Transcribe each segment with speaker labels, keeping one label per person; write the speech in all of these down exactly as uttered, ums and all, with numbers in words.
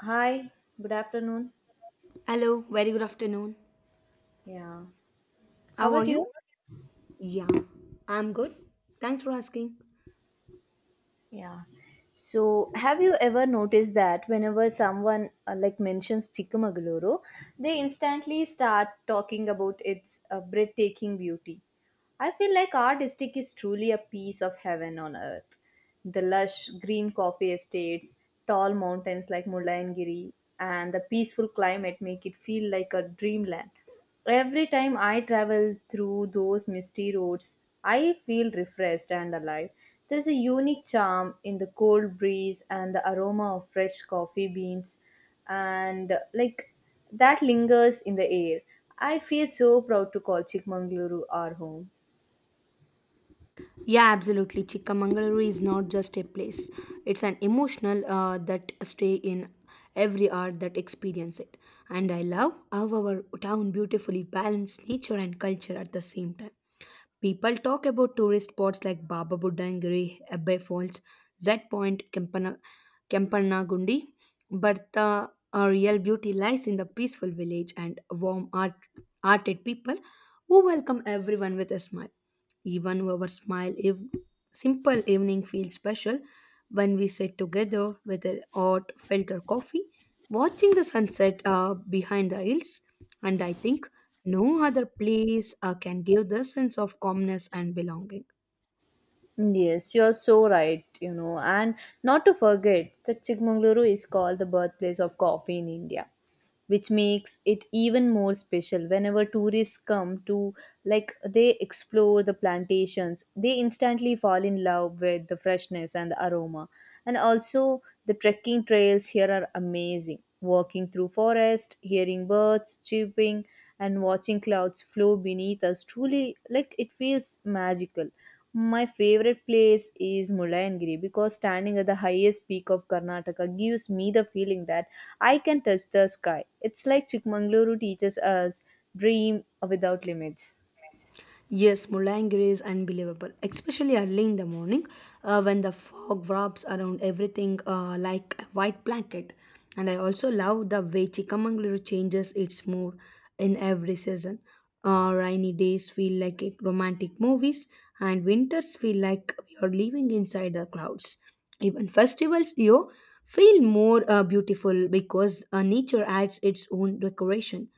Speaker 1: Hi, good afternoon.
Speaker 2: Hello, very good afternoon.
Speaker 1: Yeah. How
Speaker 2: How
Speaker 1: are
Speaker 2: are
Speaker 1: you?
Speaker 2: you? Yeah, I'm good. Thanks for asking.
Speaker 1: Yeah. So, have you ever noticed that whenever someone uh, like mentions Chikmagaluru, they instantly start talking about its uh, breathtaking beauty? I feel like our district is truly a piece of heaven on earth. The lush green coffee estates, tall mountains like Mullayanagiri, and the peaceful climate make it feel like a dreamland. Every time I travel through those misty roads, I feel refreshed and alive. There's a unique charm in the cold breeze and the aroma of fresh coffee beans, and uh, like that lingers in the air. I feel so proud to call Chikmagaluru our home.
Speaker 2: Yeah, absolutely. Chikkamangaluru is not just a place, it's an emotional uh, that stay in every art that experience it. And I love how our town beautifully balances nature and culture at the same time. People talk about tourist spots like Baba Buddha and Giri, Abbey Falls, Z Point, Kempana, Gundi, but the uh, real beauty lies in the peaceful village and warm art, hearted people who welcome everyone with a smile. Even our smile, if simple evening feels special when we sit together with a hot filter coffee, watching the sunset uh, behind the hills, and I think no other place uh, can give this sense of calmness and belonging.
Speaker 1: Yes, you're so right, you know, and not to forget that Chikmagaluru is called the birthplace of coffee in India, which makes it even more special whenever tourists come to, like, they explore the plantations, they instantly fall in love with the freshness and the aroma. And also the trekking trails here are amazing. Walking through forest, hearing birds chirping and watching clouds flow beneath us, truly, like, it feels magical. My favorite place is Mullayanagiri because standing at the highest peak of Karnataka gives me the feeling that I can touch the sky. It's like Chikmagaluru teaches us dream without limits.
Speaker 2: Yes, Mulangiri is unbelievable, especially early in the morning uh, when the fog wraps around everything uh, like a white blanket. And I also love the way Chikamangaluru changes its mood in every season. Uh, rainy days feel like a- romantic movies, and winters feel like we are living inside the clouds. Even festivals, you feel more uh, beautiful because uh, nature adds its own decoration.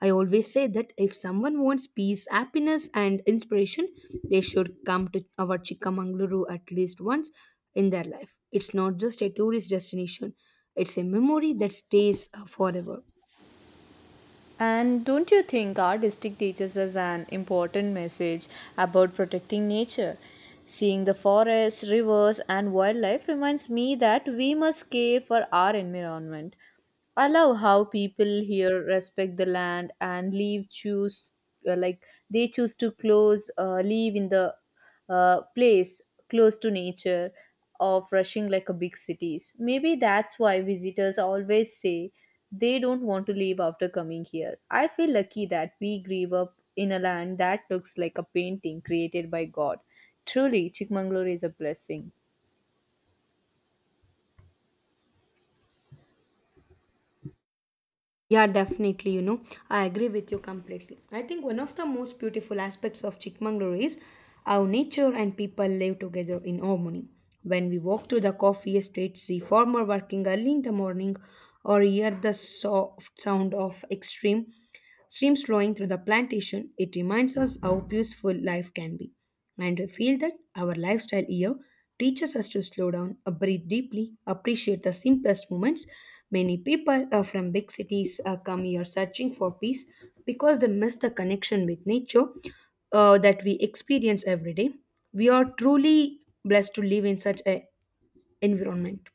Speaker 2: I always say that if someone wants peace, happiness, and inspiration, they should come to our Chikamangaluru at least once in their life. It's not just a tourist destination, it's a memory that stays uh, forever.
Speaker 1: And don't you think our district teaches us an important message about protecting nature? Seeing the forests, rivers, and wildlife reminds me that we must care for our environment. I love how people here respect the land and leave choose, uh, like they choose to close, uh, live in the uh, place close to nature of rushing like a big cities. Maybe that's why visitors always say they don't want to leave after coming here. I feel lucky that we grew up in a land that looks like a painting created by God. Truly, Chikmangalore is a blessing.
Speaker 2: Yeah, definitely. You know, I agree with you completely. I think one of the most beautiful aspects of Chikmagalur is how nature and people live together in harmony. When we walk through the coffee estates, see farmer working early in the morning, or hear the soft sound of extreme streams flowing through the plantation, it reminds us how peaceful life can be. And I feel that our lifestyle here teaches us to slow down, uh, breathe deeply, appreciate the simplest moments. Many people uh, from big cities uh, come here searching for peace because they miss the connection with nature uh, that we experience every day. We are truly blessed to live in such an environment.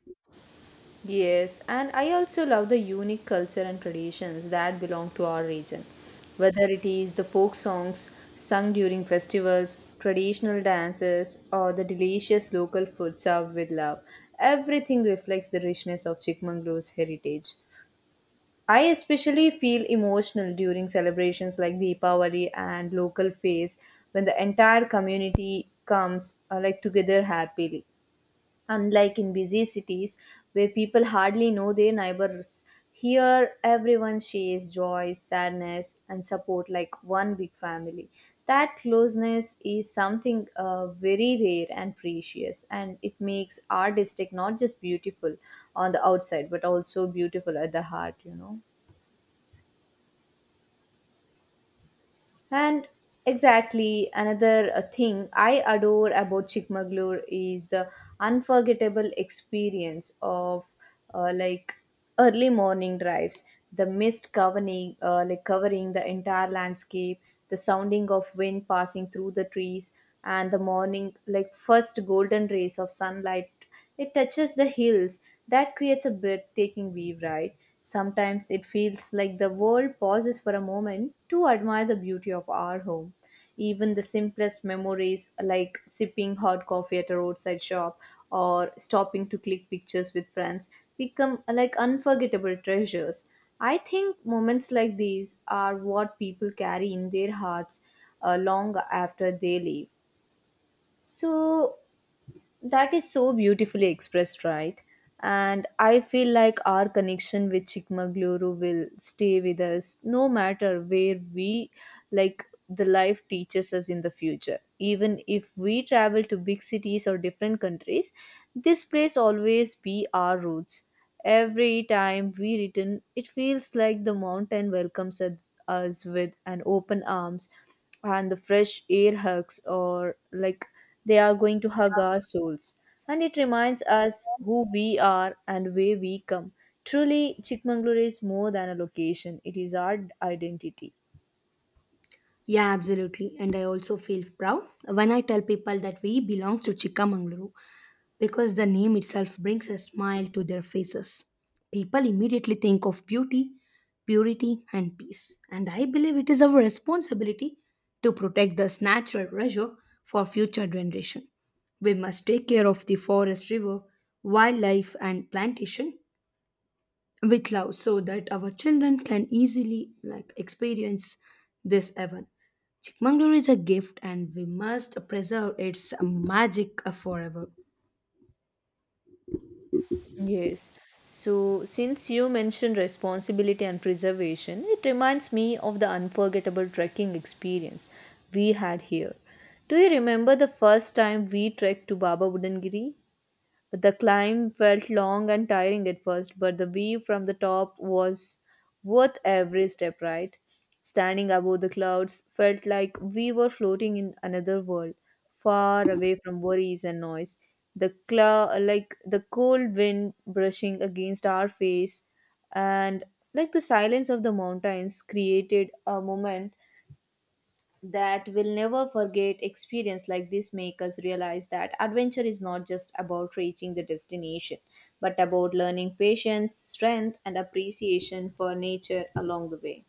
Speaker 1: Yes, and I also love the unique culture and traditions that belong to our region. Whether it is the folk songs sung during festivals, traditional dances, or the delicious local food served with love, everything reflects the richness of Chikmangalore's heritage. I especially feel emotional during celebrations like Deepavali and local fairs when the entire community comes uh, like together happily, unlike in busy cities where people hardly know their neighbors. Here, everyone shares joy, sadness, and support like one big family. That closeness is something uh, very rare and precious, and it makes our district not just beautiful on the outside but also beautiful at the heart, you know. And exactly another uh, thing I adore about Chikmagalur is the unforgettable experience of uh, like early morning drives, the mist covering uh, like covering the entire landscape, the sounding of wind passing through the trees, and the morning, like, first golden rays of sunlight, it touches the hills. That creates a breathtaking view, right? Sometimes it feels like the world pauses for a moment to admire the beauty of our home. Even the simplest memories, like sipping hot coffee at a roadside shop or stopping to click pictures with friends, become uh, like unforgettable treasures. I think moments like these are what people carry in their hearts uh, long after they leave. So, that is so beautifully expressed, right? And I feel like our connection with Chikmagaluru will stay with us no matter where we, like, the life teaches us in the future. Even if we travel to big cities or different countries, this place always be our roots. Every time we return, it feels like the mountain welcomes us us with an open arms, and the fresh air hugs, or like, they are going to hug our souls. And it reminds us who we are and where we come. Truly, Chikmagalur is more than a location, it is our identity.
Speaker 2: Yeah, absolutely. And I also feel proud when I tell people that we belong to Chikamangaluru because the name itself brings a smile to their faces. People immediately think of beauty, purity, and peace. And I believe it is our responsibility to protect this natural treasure for future generation. We must take care of the forest, river, wildlife, and plantation with love so that our children can easily like experience this heaven. Chikmagalur is a gift and we must preserve its magic forever.
Speaker 1: Yes. So, since you mentioned responsibility and preservation, it reminds me of the unforgettable trekking experience we had here. Do you remember the first time we trekked to Baba Budangiri? The climb felt long and tiring at first, but the view from the top was worth every step, right? Standing above the clouds felt like we were floating in another world, far away from worries and noise. The clou, like the cold wind brushing against our face, and like the silence of the mountains created a moment that will never forget. Experience like this make us realize that adventure is not just about reaching the destination but about learning patience, strength, and appreciation for nature along the way.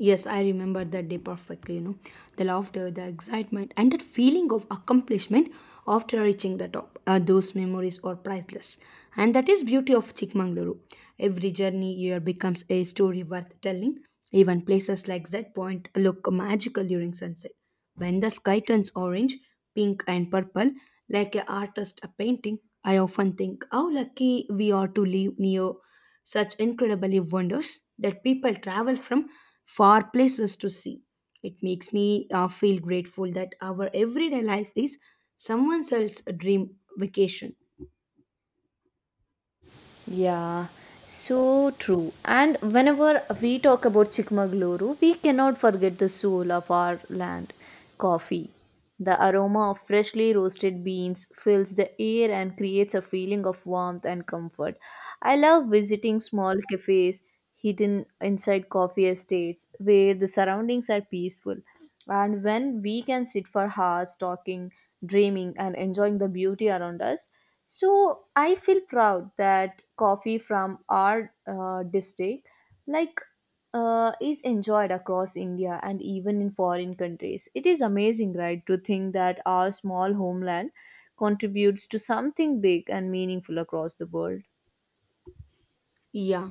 Speaker 2: Yes, I remember that day perfectly, you know. The laughter, the excitement, and that feeling of accomplishment after reaching the top. Uh, those memories are priceless. And that is beauty of Chikmagaluru. Every journey here becomes a story worth telling. Even places like Z Point look magical during sunset. When the sky turns orange, pink, and purple, like an artist a painting, I often think how lucky we are to live near such incredibly wonders that people travel from far places to see. It makes me uh, feel grateful that our everyday life is someone else's dream vacation.
Speaker 1: Yeah, so true. And whenever we talk about Chikmagaluru, we cannot forget the soul of our land, coffee. The aroma of freshly roasted beans fills the air and creates a feeling of warmth and comfort. I love visiting small cafes hidden inside coffee estates where the surroundings are peaceful and when we can sit for hours talking, dreaming, and enjoying the beauty around us. So I feel proud that coffee from our uh, district, like, uh, is enjoyed across India and even in foreign countries. It is amazing, right, to think that our small homeland contributes to something big and meaningful across the world.
Speaker 2: Yeah,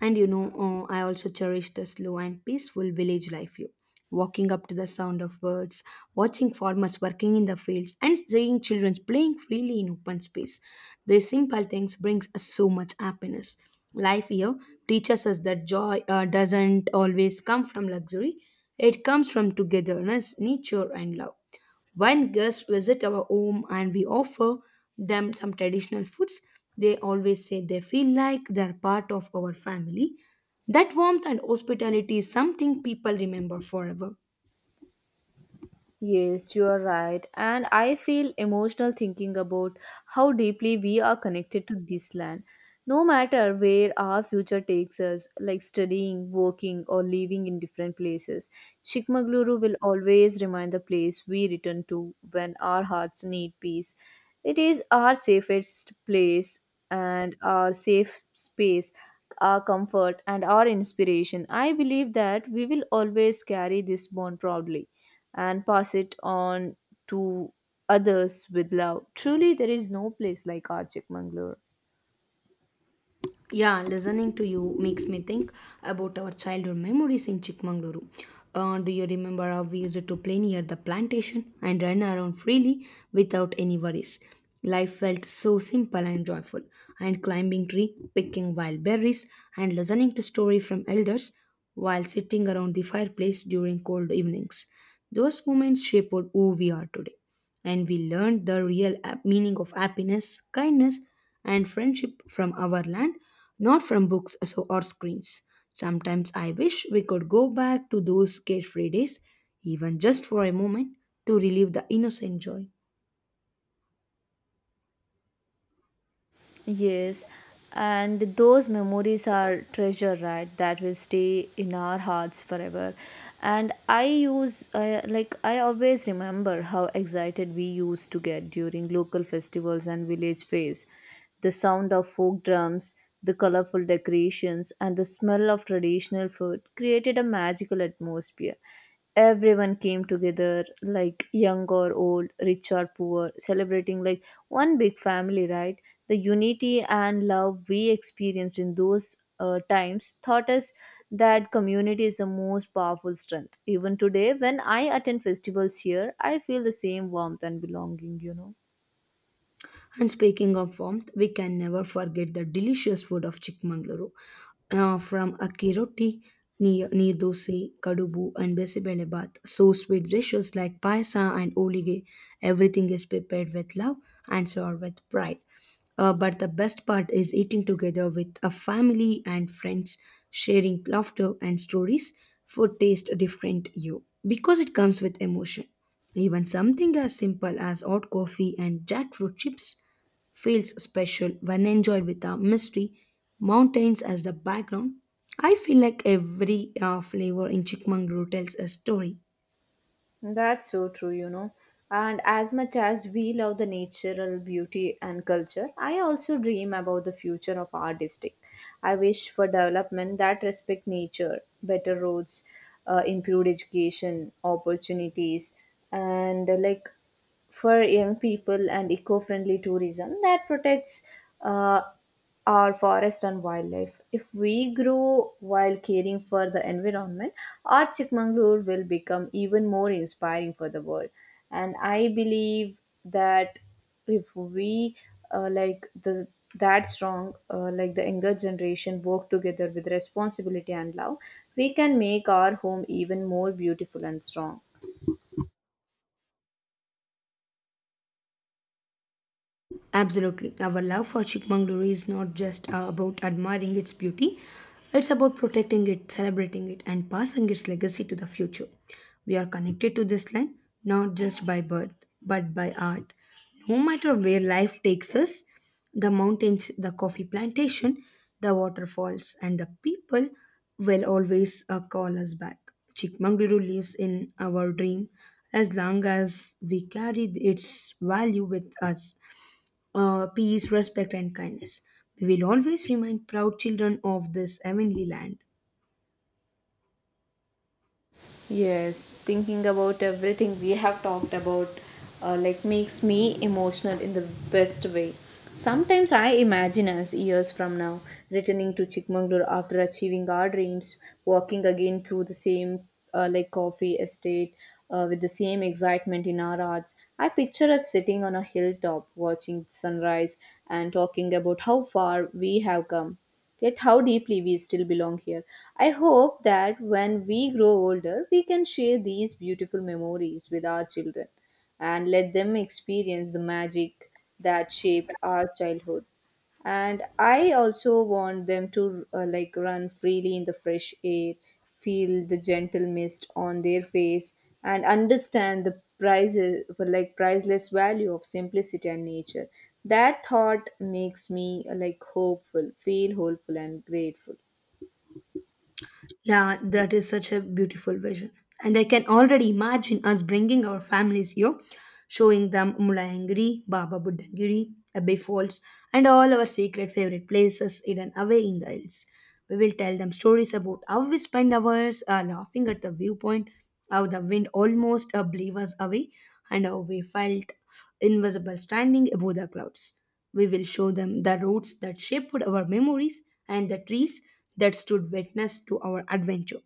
Speaker 2: and you know, uh, I also cherish the slow and peaceful village life view. Walking up to the sound of birds, watching farmers working in the fields, and seeing children playing freely in open space. These simple things brings us so much happiness. Life here teaches us that joy uh, doesn't always come from luxury. It comes from togetherness, nature, and love. When guests visit our home and we offer them some traditional foods, they always say they feel like they're part of our family. That warmth and hospitality is something people remember forever.
Speaker 1: Yes, you are right. And I feel emotional thinking about how deeply we are connected to this land. No matter where our future takes us, like studying, working, or living in different places, Chikmagaluru will always remain the place we return to when our hearts need peace. It is our safest place and our safe space, our comfort and our inspiration. I believe that we will always carry this bond proudly and pass it on to others with love. Truly, there is no place like our Chikmagalur.
Speaker 2: Yeah, listening to you makes me think about our childhood memories in Chikmagaluru. Uh, do you remember how we used to play near the plantation and run around freely without any worries? Life felt so simple and joyful, and climbing tree, picking wild berries, and listening to story from elders while sitting around the fireplace during cold evenings. Those moments shaped who we are today and we learned the real ap- meaning of happiness, kindness, and friendship from our land, not from books so- or screens. Sometimes I wish we could go back to those carefree days, even just for a moment, to relive the innocent joy.
Speaker 1: Yes, and those memories are treasure, right? That will stay in our hearts forever. And I use, I like, I always remember how excited we used to get during local festivals and village fairs. The sound of folk drums, the colorful decorations, and the smell of traditional food created a magical atmosphere. Everyone came together, like young or old, rich or poor, celebrating like one big family, right? The unity and love we experienced in those uh, times taught us that community is the most powerful strength. Even today when I attend festivals here, I feel the same warmth and belonging, you know
Speaker 2: And speaking of warmth, we can never forget the delicious food of Chikmagaluru. Uh, from Akiroti, Neer Dosi, Kadubu, and Besibele Bath. So sweet dishes like paisa and olige. Everything is prepared with love and served with pride. Uh, but the best part is eating together with a family and friends, sharing laughter and stories. Food tastes different you because it comes with emotion. Even something as simple as hot coffee and jackfruit chips feels special when enjoyed with a mystery, mountains as the background. I feel like every uh, flavor in Chikmangaluru tells a story.
Speaker 1: That's so true, you know. And as much as we love the natural beauty and culture, I also dream about the future of our district. I wish for development that respect nature, better roads, uh, improved education opportunities, and uh, like for young people, and eco-friendly tourism that protects uh, our forest and wildlife. If we grow while caring for the environment, our Chikmagalur will become even more inspiring for the world. And I believe that if we, uh, like the that strong, uh, like the younger generation, work together with responsibility and love, we can make our home even more beautiful and strong.
Speaker 2: Absolutely. Our love for Chikmagalur is not just uh, about admiring its beauty, it's about protecting it, celebrating it, and passing its legacy to the future. We are connected to this land not just by birth, but by art. No matter where life takes us, the mountains, the coffee plantation, the waterfalls, and the people will always uh, call us back. Chikmagalur lives in our dream as long as we carry its value with us, uh, peace, respect, and kindness. We will always remind proud children of this heavenly land.
Speaker 1: Yes, thinking about everything we have talked about uh, like makes me emotional in the best way. Sometimes I imagine us years from now returning to Chikmagalur after achieving our dreams, walking again through the same uh, like coffee estate uh, with the same excitement in our hearts. I picture us sitting on a hilltop watching the sunrise and talking about how far we have come, yet how deeply we still belong here. I hope that when we grow older, we can share these beautiful memories with our children and let them experience the magic that shaped our childhood, and I also want them to uh, like run freely in the fresh air, feel the gentle mist on their face, and understand the prices like priceless value of simplicity and nature. That thought makes me, uh, like hopeful feel hopeful and grateful.
Speaker 2: Yeah, that is such a beautiful vision. And I can already imagine us bringing our families here, showing them Mulayangiri, Baba Buddhagiri, Abbey Falls, and all our sacred favorite places hidden away in the hills. We will tell them stories about how we spend hours uh, laughing at the viewpoint, how the wind almost uh, blew us away, and how we felt invisible standing above the clouds. We will show them the roads that shaped our memories and the trees that stood witness to our adventure.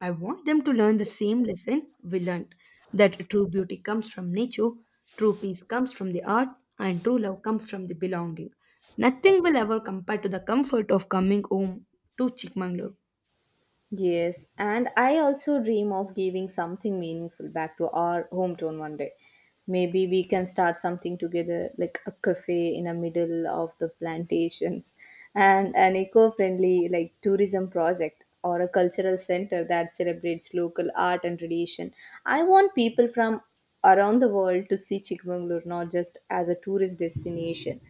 Speaker 2: I want them to learn the same lesson we learned that true beauty comes from nature, true peace comes from the earth, and true love comes from the belonging. Nothing will ever compare to the comfort of coming home to Chikmagalur.
Speaker 1: Yes, and I also dream of giving something meaningful back to our hometown one day. Maybe we can start something together, like a cafe in the middle of the plantations, and an eco-friendly, like, tourism project, or a cultural center that celebrates local art and tradition. I want people from around the world to see Chikmagalur not just as a tourist destination,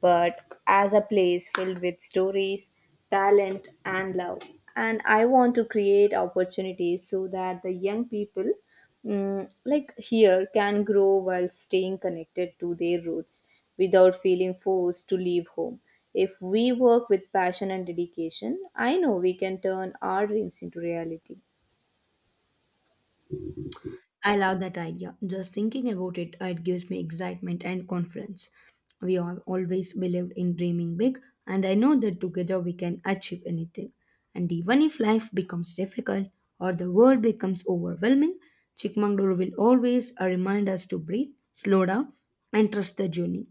Speaker 1: but as a place filled with stories, talent, and love. And I want to create opportunities so that the young people mm, like here can grow while staying connected to their roots without feeling forced to leave home. If we work with passion and dedication, I know we can turn our dreams into reality.
Speaker 2: I love that idea. Just thinking about it, it gives me excitement and confidence. We have always believed in dreaming big, and I know that together we can achieve anything. And even if life becomes difficult or the world becomes overwhelming, Chikmagalur will always uh, remind us to breathe, slow down, and trust the journey.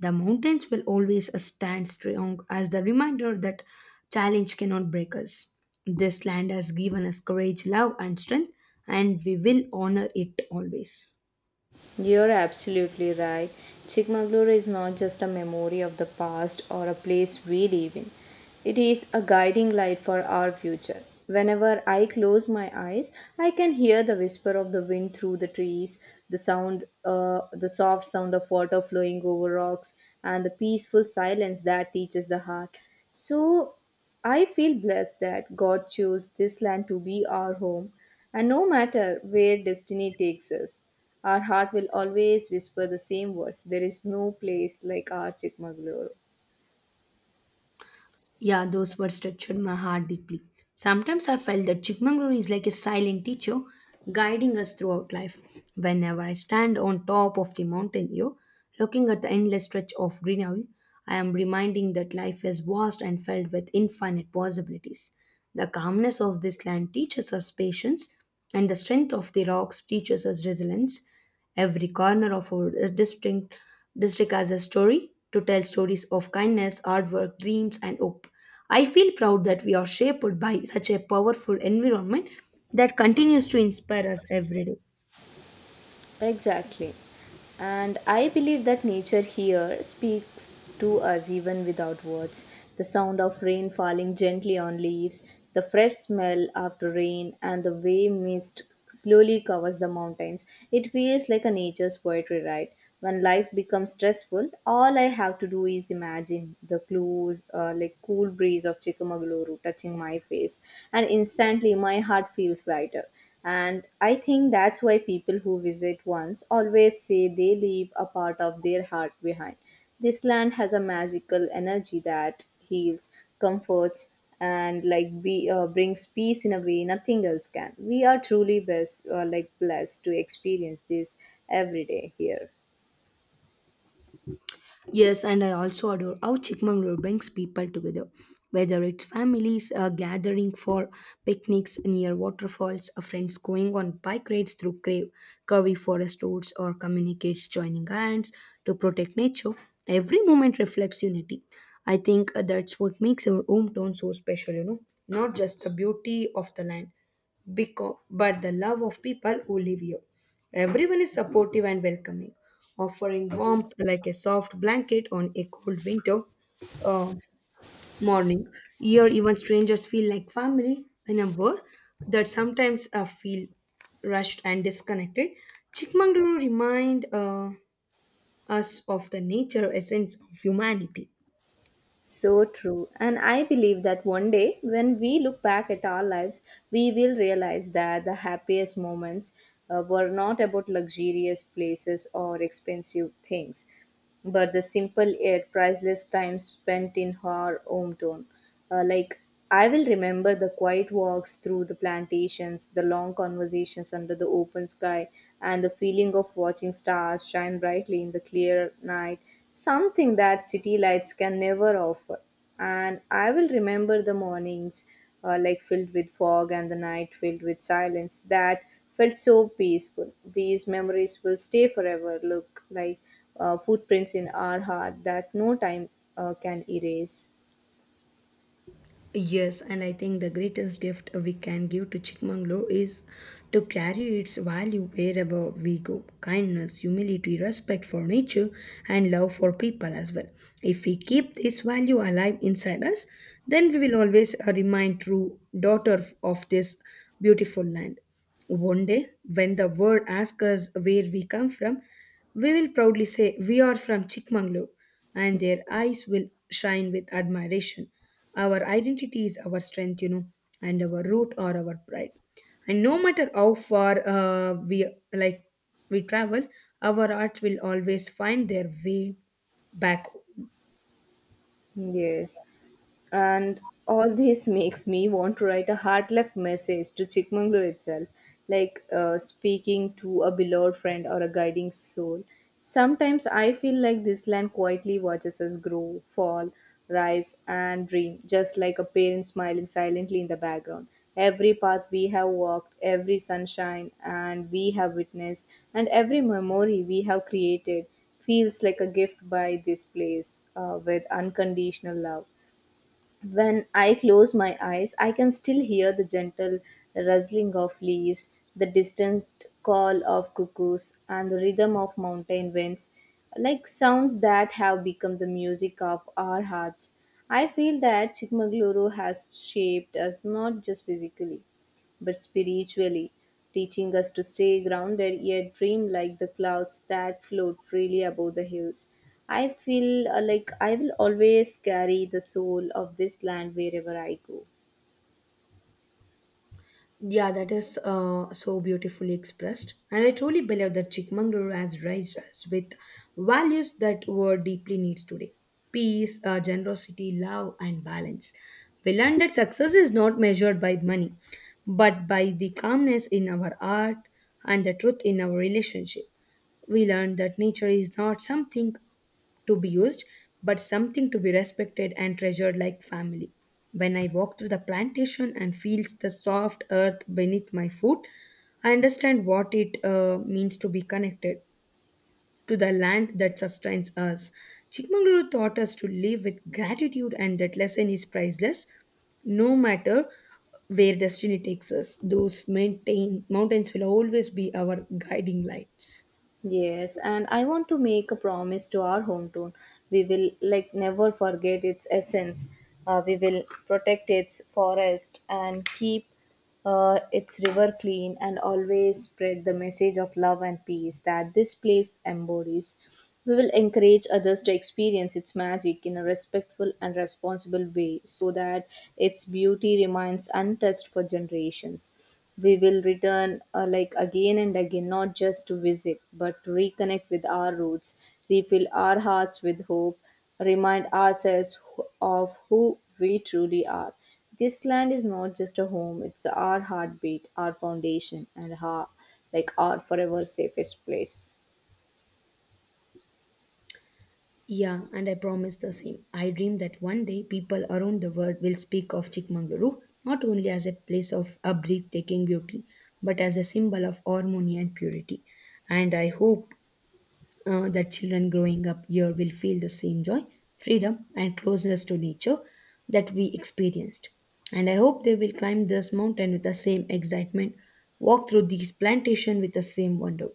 Speaker 2: The mountains will always stand strong as the reminder that challenge cannot break us. This land has given us courage, love, and strength, and we will honor it always.
Speaker 1: You're absolutely right. Chikmagalur is not just a memory of the past or a place we live in. It is a guiding light for our future. Whenever I close my eyes, I can hear the whisper of the wind through the trees, the sound, uh, the soft sound of water flowing over rocks, and the peaceful silence that teaches the heart. So I feel blessed that God chose this land to be our home, and no matter where destiny takes us, our heart will always whisper the same words, there is no place like our Chikmagalur.
Speaker 2: Yeah, those words touched my heart deeply. Sometimes I felt that Chikmagalur is like a silent teacher guiding us throughout life. Whenever I stand on top of the mountain here, looking at the endless stretch of greenery, I am reminding that life is vast and filled with infinite possibilities. The calmness of this land teaches us patience, and the strength of the rocks teaches us resilience. Every corner of our district, district has a story to tell stories of kindness, hard work, dreams, and hope. I feel proud that we are shaped by such a powerful environment that continues to inspire us every day.
Speaker 1: Exactly. And I believe that nature here speaks to us even without words. The sound of rain falling gently on leaves, the fresh smell after rain, and the way mist slowly covers the mountains. It feels like a nature's poetry, right? When life becomes stressful, all I have to do is imagine the close, uh, like cool breeze of Chikmagaluru touching my face, and instantly my heart feels lighter. And I think that's why people who visit once always say they leave a part of their heart behind. This land has a magical energy that heals, comforts, and like be, uh, brings peace in a way nothing else can. We are truly best, uh, like blessed to experience this every day here.
Speaker 2: Yes, and I also adore how Chikmagalur brings people together, whether it's families uh, gathering for picnics near waterfalls, uh, friends going on bike rides through cra- curvy forest roads, or communicates joining hands to protect nature. Every moment reflects unity. I think uh, that's what makes our hometown so special, you know, not just the beauty of the land, because, but the love of people who live here. Everyone is supportive and welcoming offering warmth like a soft blanket on a cold winter uh, morning. Here, even strangers feel like family in a world that sometimes uh, feel rushed and disconnected. Chikmagalur remind uh, us of the nature essence of humanity.
Speaker 1: So true. And I believe that one day, when we look back at our lives, we will realize that the happiest moments uh, were not about luxurious places or expensive things, but the simple yet priceless time spent in our hometown. Uh, like, I will remember the quiet walks through the plantations, the long conversations under the open sky, and the feeling of watching stars shine brightly in the clear night, something that city lights can never offer. And I will remember the mornings, uh, like filled with fog, and the night filled with silence, that felt so peaceful. These memories will stay forever, look like uh, footprints in our heart that no time uh, can erase.
Speaker 2: Yes, and I think the greatest gift we can give to Chikmagalur is to carry its value wherever we go. Kindness, humility, respect for nature, and love for people as well. If we keep this value alive inside us, then we will always uh, remain true daughter of this beautiful land. One day, when the world asks us where we come from, we will proudly say, "We are from Chikmangalore," and their eyes will shine with admiration. Our identity is our strength, you know, and our root or our pride. And no matter how far uh, we like we travel, our arts will always find their way back home.
Speaker 1: Yes. And all this makes me want to write a heart left message to Chikmagalur itself, like uh, speaking to a beloved friend or a guiding soul. Sometimes I feel like this land quietly watches us grow, fall, rise, and dream, just like a parent smiling silently in the background. Every path we have walked, every sunshine and we have witnessed, and every memory we have created feels like a gift by this place uh, with unconditional love. When I close my eyes, I can still hear the gentle rustling of leaves, the distant call of cuckoos, and the rhythm of mountain winds, like sounds that have become the music of our hearts. I feel that Chikmagaluru has shaped us not just physically but spiritually, teaching us to stay grounded yet dream like the clouds that float freely above the hills. I feel uh, like I will always carry the soul of this land wherever I go.
Speaker 2: Yeah, that is uh, so beautifully expressed. And I truly believe that Chikmagalur has raised us with values that world deeply needs today peace, uh, generosity, love, and balance. We learned that success is not measured by money, but by the calmness in our art and the truth in our relationship. We learned that nature is not something to be used, but something to be respected and treasured like family. When I walk through the plantation and feels the soft earth beneath my foot, I understand what it uh, means to be connected to the land that sustains us. Chikmagalur taught us to live with gratitude, and that lesson is priceless. No matter where destiny takes us, those maintain, mountains will always be our guiding lights.
Speaker 1: Yes, and I want to make a promise to our hometown. We will like never forget its essence. Uh, we will protect its forest and keep uh, its river clean and always spread the message of love and peace that this place embodies. We will encourage others to experience its magic in a respectful and responsible way so that its beauty remains untouched for generations. We will return uh, like again and again, not just to visit, but to reconnect with our roots, refill our hearts with hope, remind ourselves wh- of who we truly are. This land is not just a home, it's our heartbeat, our foundation, and our, like our forever safest place.
Speaker 2: Yeah, and I promise the same. I dream that one day people around the world will speak of Chikmagaluru not only as a place of a breathtaking beauty, but as a symbol of harmony and purity. And I hope uh, that children growing up here will feel the same joy, freedom, and closeness to nature that we experienced. And I hope they will climb this mountain with the same excitement, walk through these plantations with the same wonder,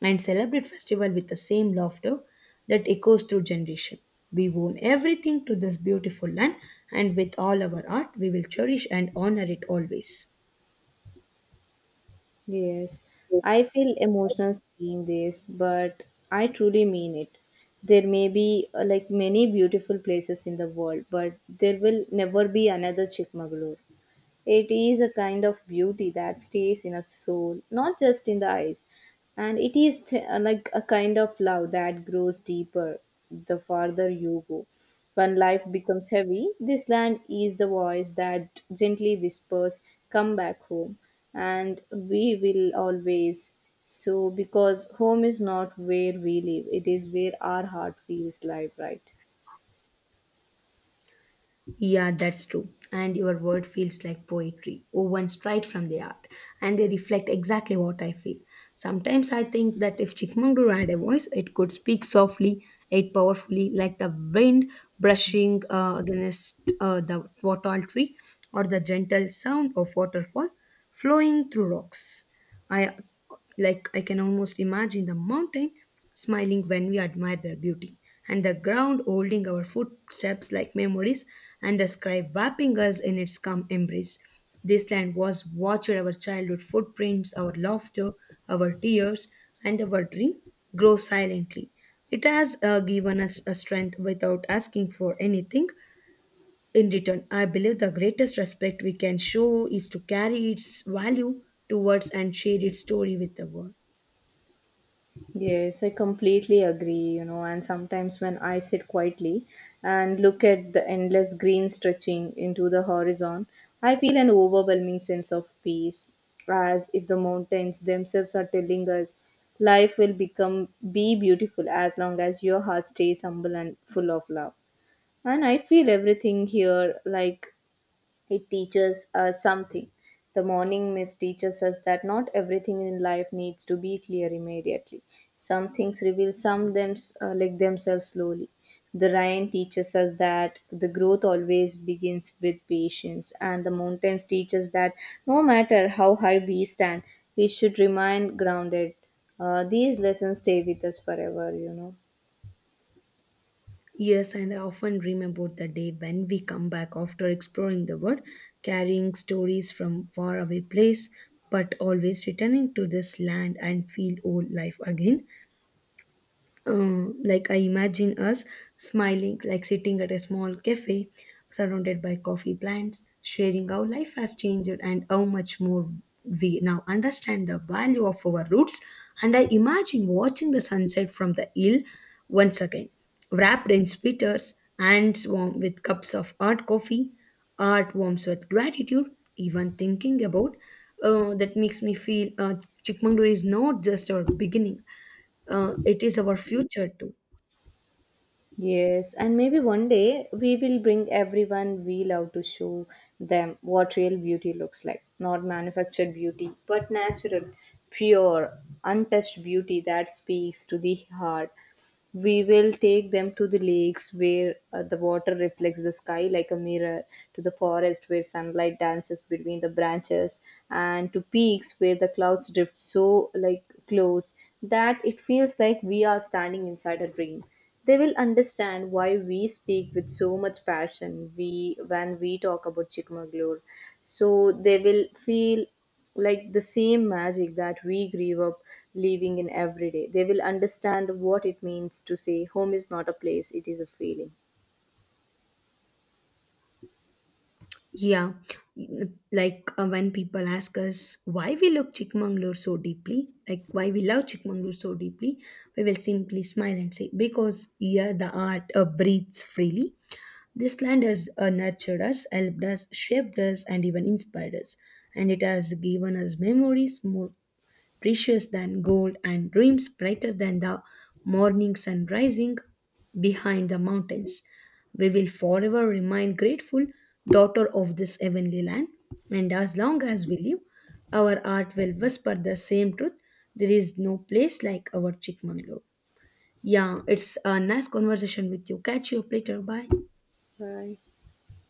Speaker 2: and celebrate festival with the same laughter that echoes through generation. We owe everything to this beautiful land, and with all our art, we will cherish and honor it always.
Speaker 1: Yes, I feel emotional seeing this, but I truly mean it. There may be uh, like many beautiful places in the world, but there will never be another Chikmagalur. It is a kind of beauty that stays in a soul, not just in the eyes. And it is th- uh, like a kind of love that grows deeper the farther you go. When life becomes heavy, this land is the voice that gently whispers, come back home. And we will always. So, because home is not where we live, it is where our heart feels live, right?
Speaker 2: Yeah, that's true. And your word feels like poetry, woven straight from the art, and they reflect exactly what I feel. Sometimes I think that if Chikmagalur had a voice, it could speak softly, yet powerfully, like the wind brushing uh, against uh, the wattle tree, or the gentle sound of waterfall flowing through rocks. I like I can almost imagine the mountain smiling when we admire their beauty, and the ground holding our footsteps like memories, and the sky wrapping us in its calm embrace. This land was watched our childhood footprints, our laughter, our tears, and our dream grow silently. It has uh, given us a strength without asking for anything, in return, I believe the greatest respect we can show is to carry its value towards and share its story with the world.
Speaker 1: Yes, I completely agree, you know, and sometimes when I sit quietly and look at the endless green stretching into the horizon, I feel an overwhelming sense of peace, as if the mountains themselves are telling us life will become be beautiful as long as your heart stays humble and full of love. And I feel everything here like it teaches us something. The morning mist teaches us that not everything in life needs to be clear immediately. Some things reveal some them uh, like themselves slowly. The rain teaches us that the growth always begins with patience, and the mountains teach us that no matter how high we stand, we should remain grounded. Uh, these lessons stay with us forever, you know.
Speaker 2: Yes, and I often dream about the day when we come back after exploring the world, carrying stories from faraway place, but always returning to this land and feel old life again. Um, like I imagine us smiling, like sitting at a small cafe surrounded by coffee plants, sharing how life has changed and how much more we now understand the value of our roots. And I imagine watching the sunset from the hill once again, wrapped in sweaters, hands warm with cups of hot coffee, heart warms with gratitude. Even thinking about uh, that makes me feel uh, Chikmagalur is not just our beginning uh, it is our future too.
Speaker 1: Yes, and maybe one day we will bring everyone we love to show them what real beauty looks like. Not manufactured beauty, but natural, pure, untouched beauty that speaks to the heart. We will take them to the lakes where uh, the water reflects the sky like a mirror, to the forest where sunlight dances between the branches, and to peaks where the clouds drift so like close that it feels like we are standing inside a dream. They will understand why we speak with so much passion we when we talk about Chikmagalur. So they will feel like the same magic that we grew up living in every day. They will understand what it means to say home is not a place, it is a feeling.
Speaker 2: Yeah, like uh, when people ask us why we love Chikmagalur so deeply, like why we love Chikmagalur so deeply, we will simply smile and say because here the art uh, breathes freely. This land has uh, nurtured us, helped us, shaped us, and even inspired us, and it has given us memories more precious than gold and dreams brighter than the morning sun rising behind the mountains. We will forever remain grateful daughter of this heavenly land, and as long as we live our art will whisper the same truth: there is no place like our Chikmagalur. Yeah, it's a nice conversation with you. Catch you up later. Bye.
Speaker 1: Bye.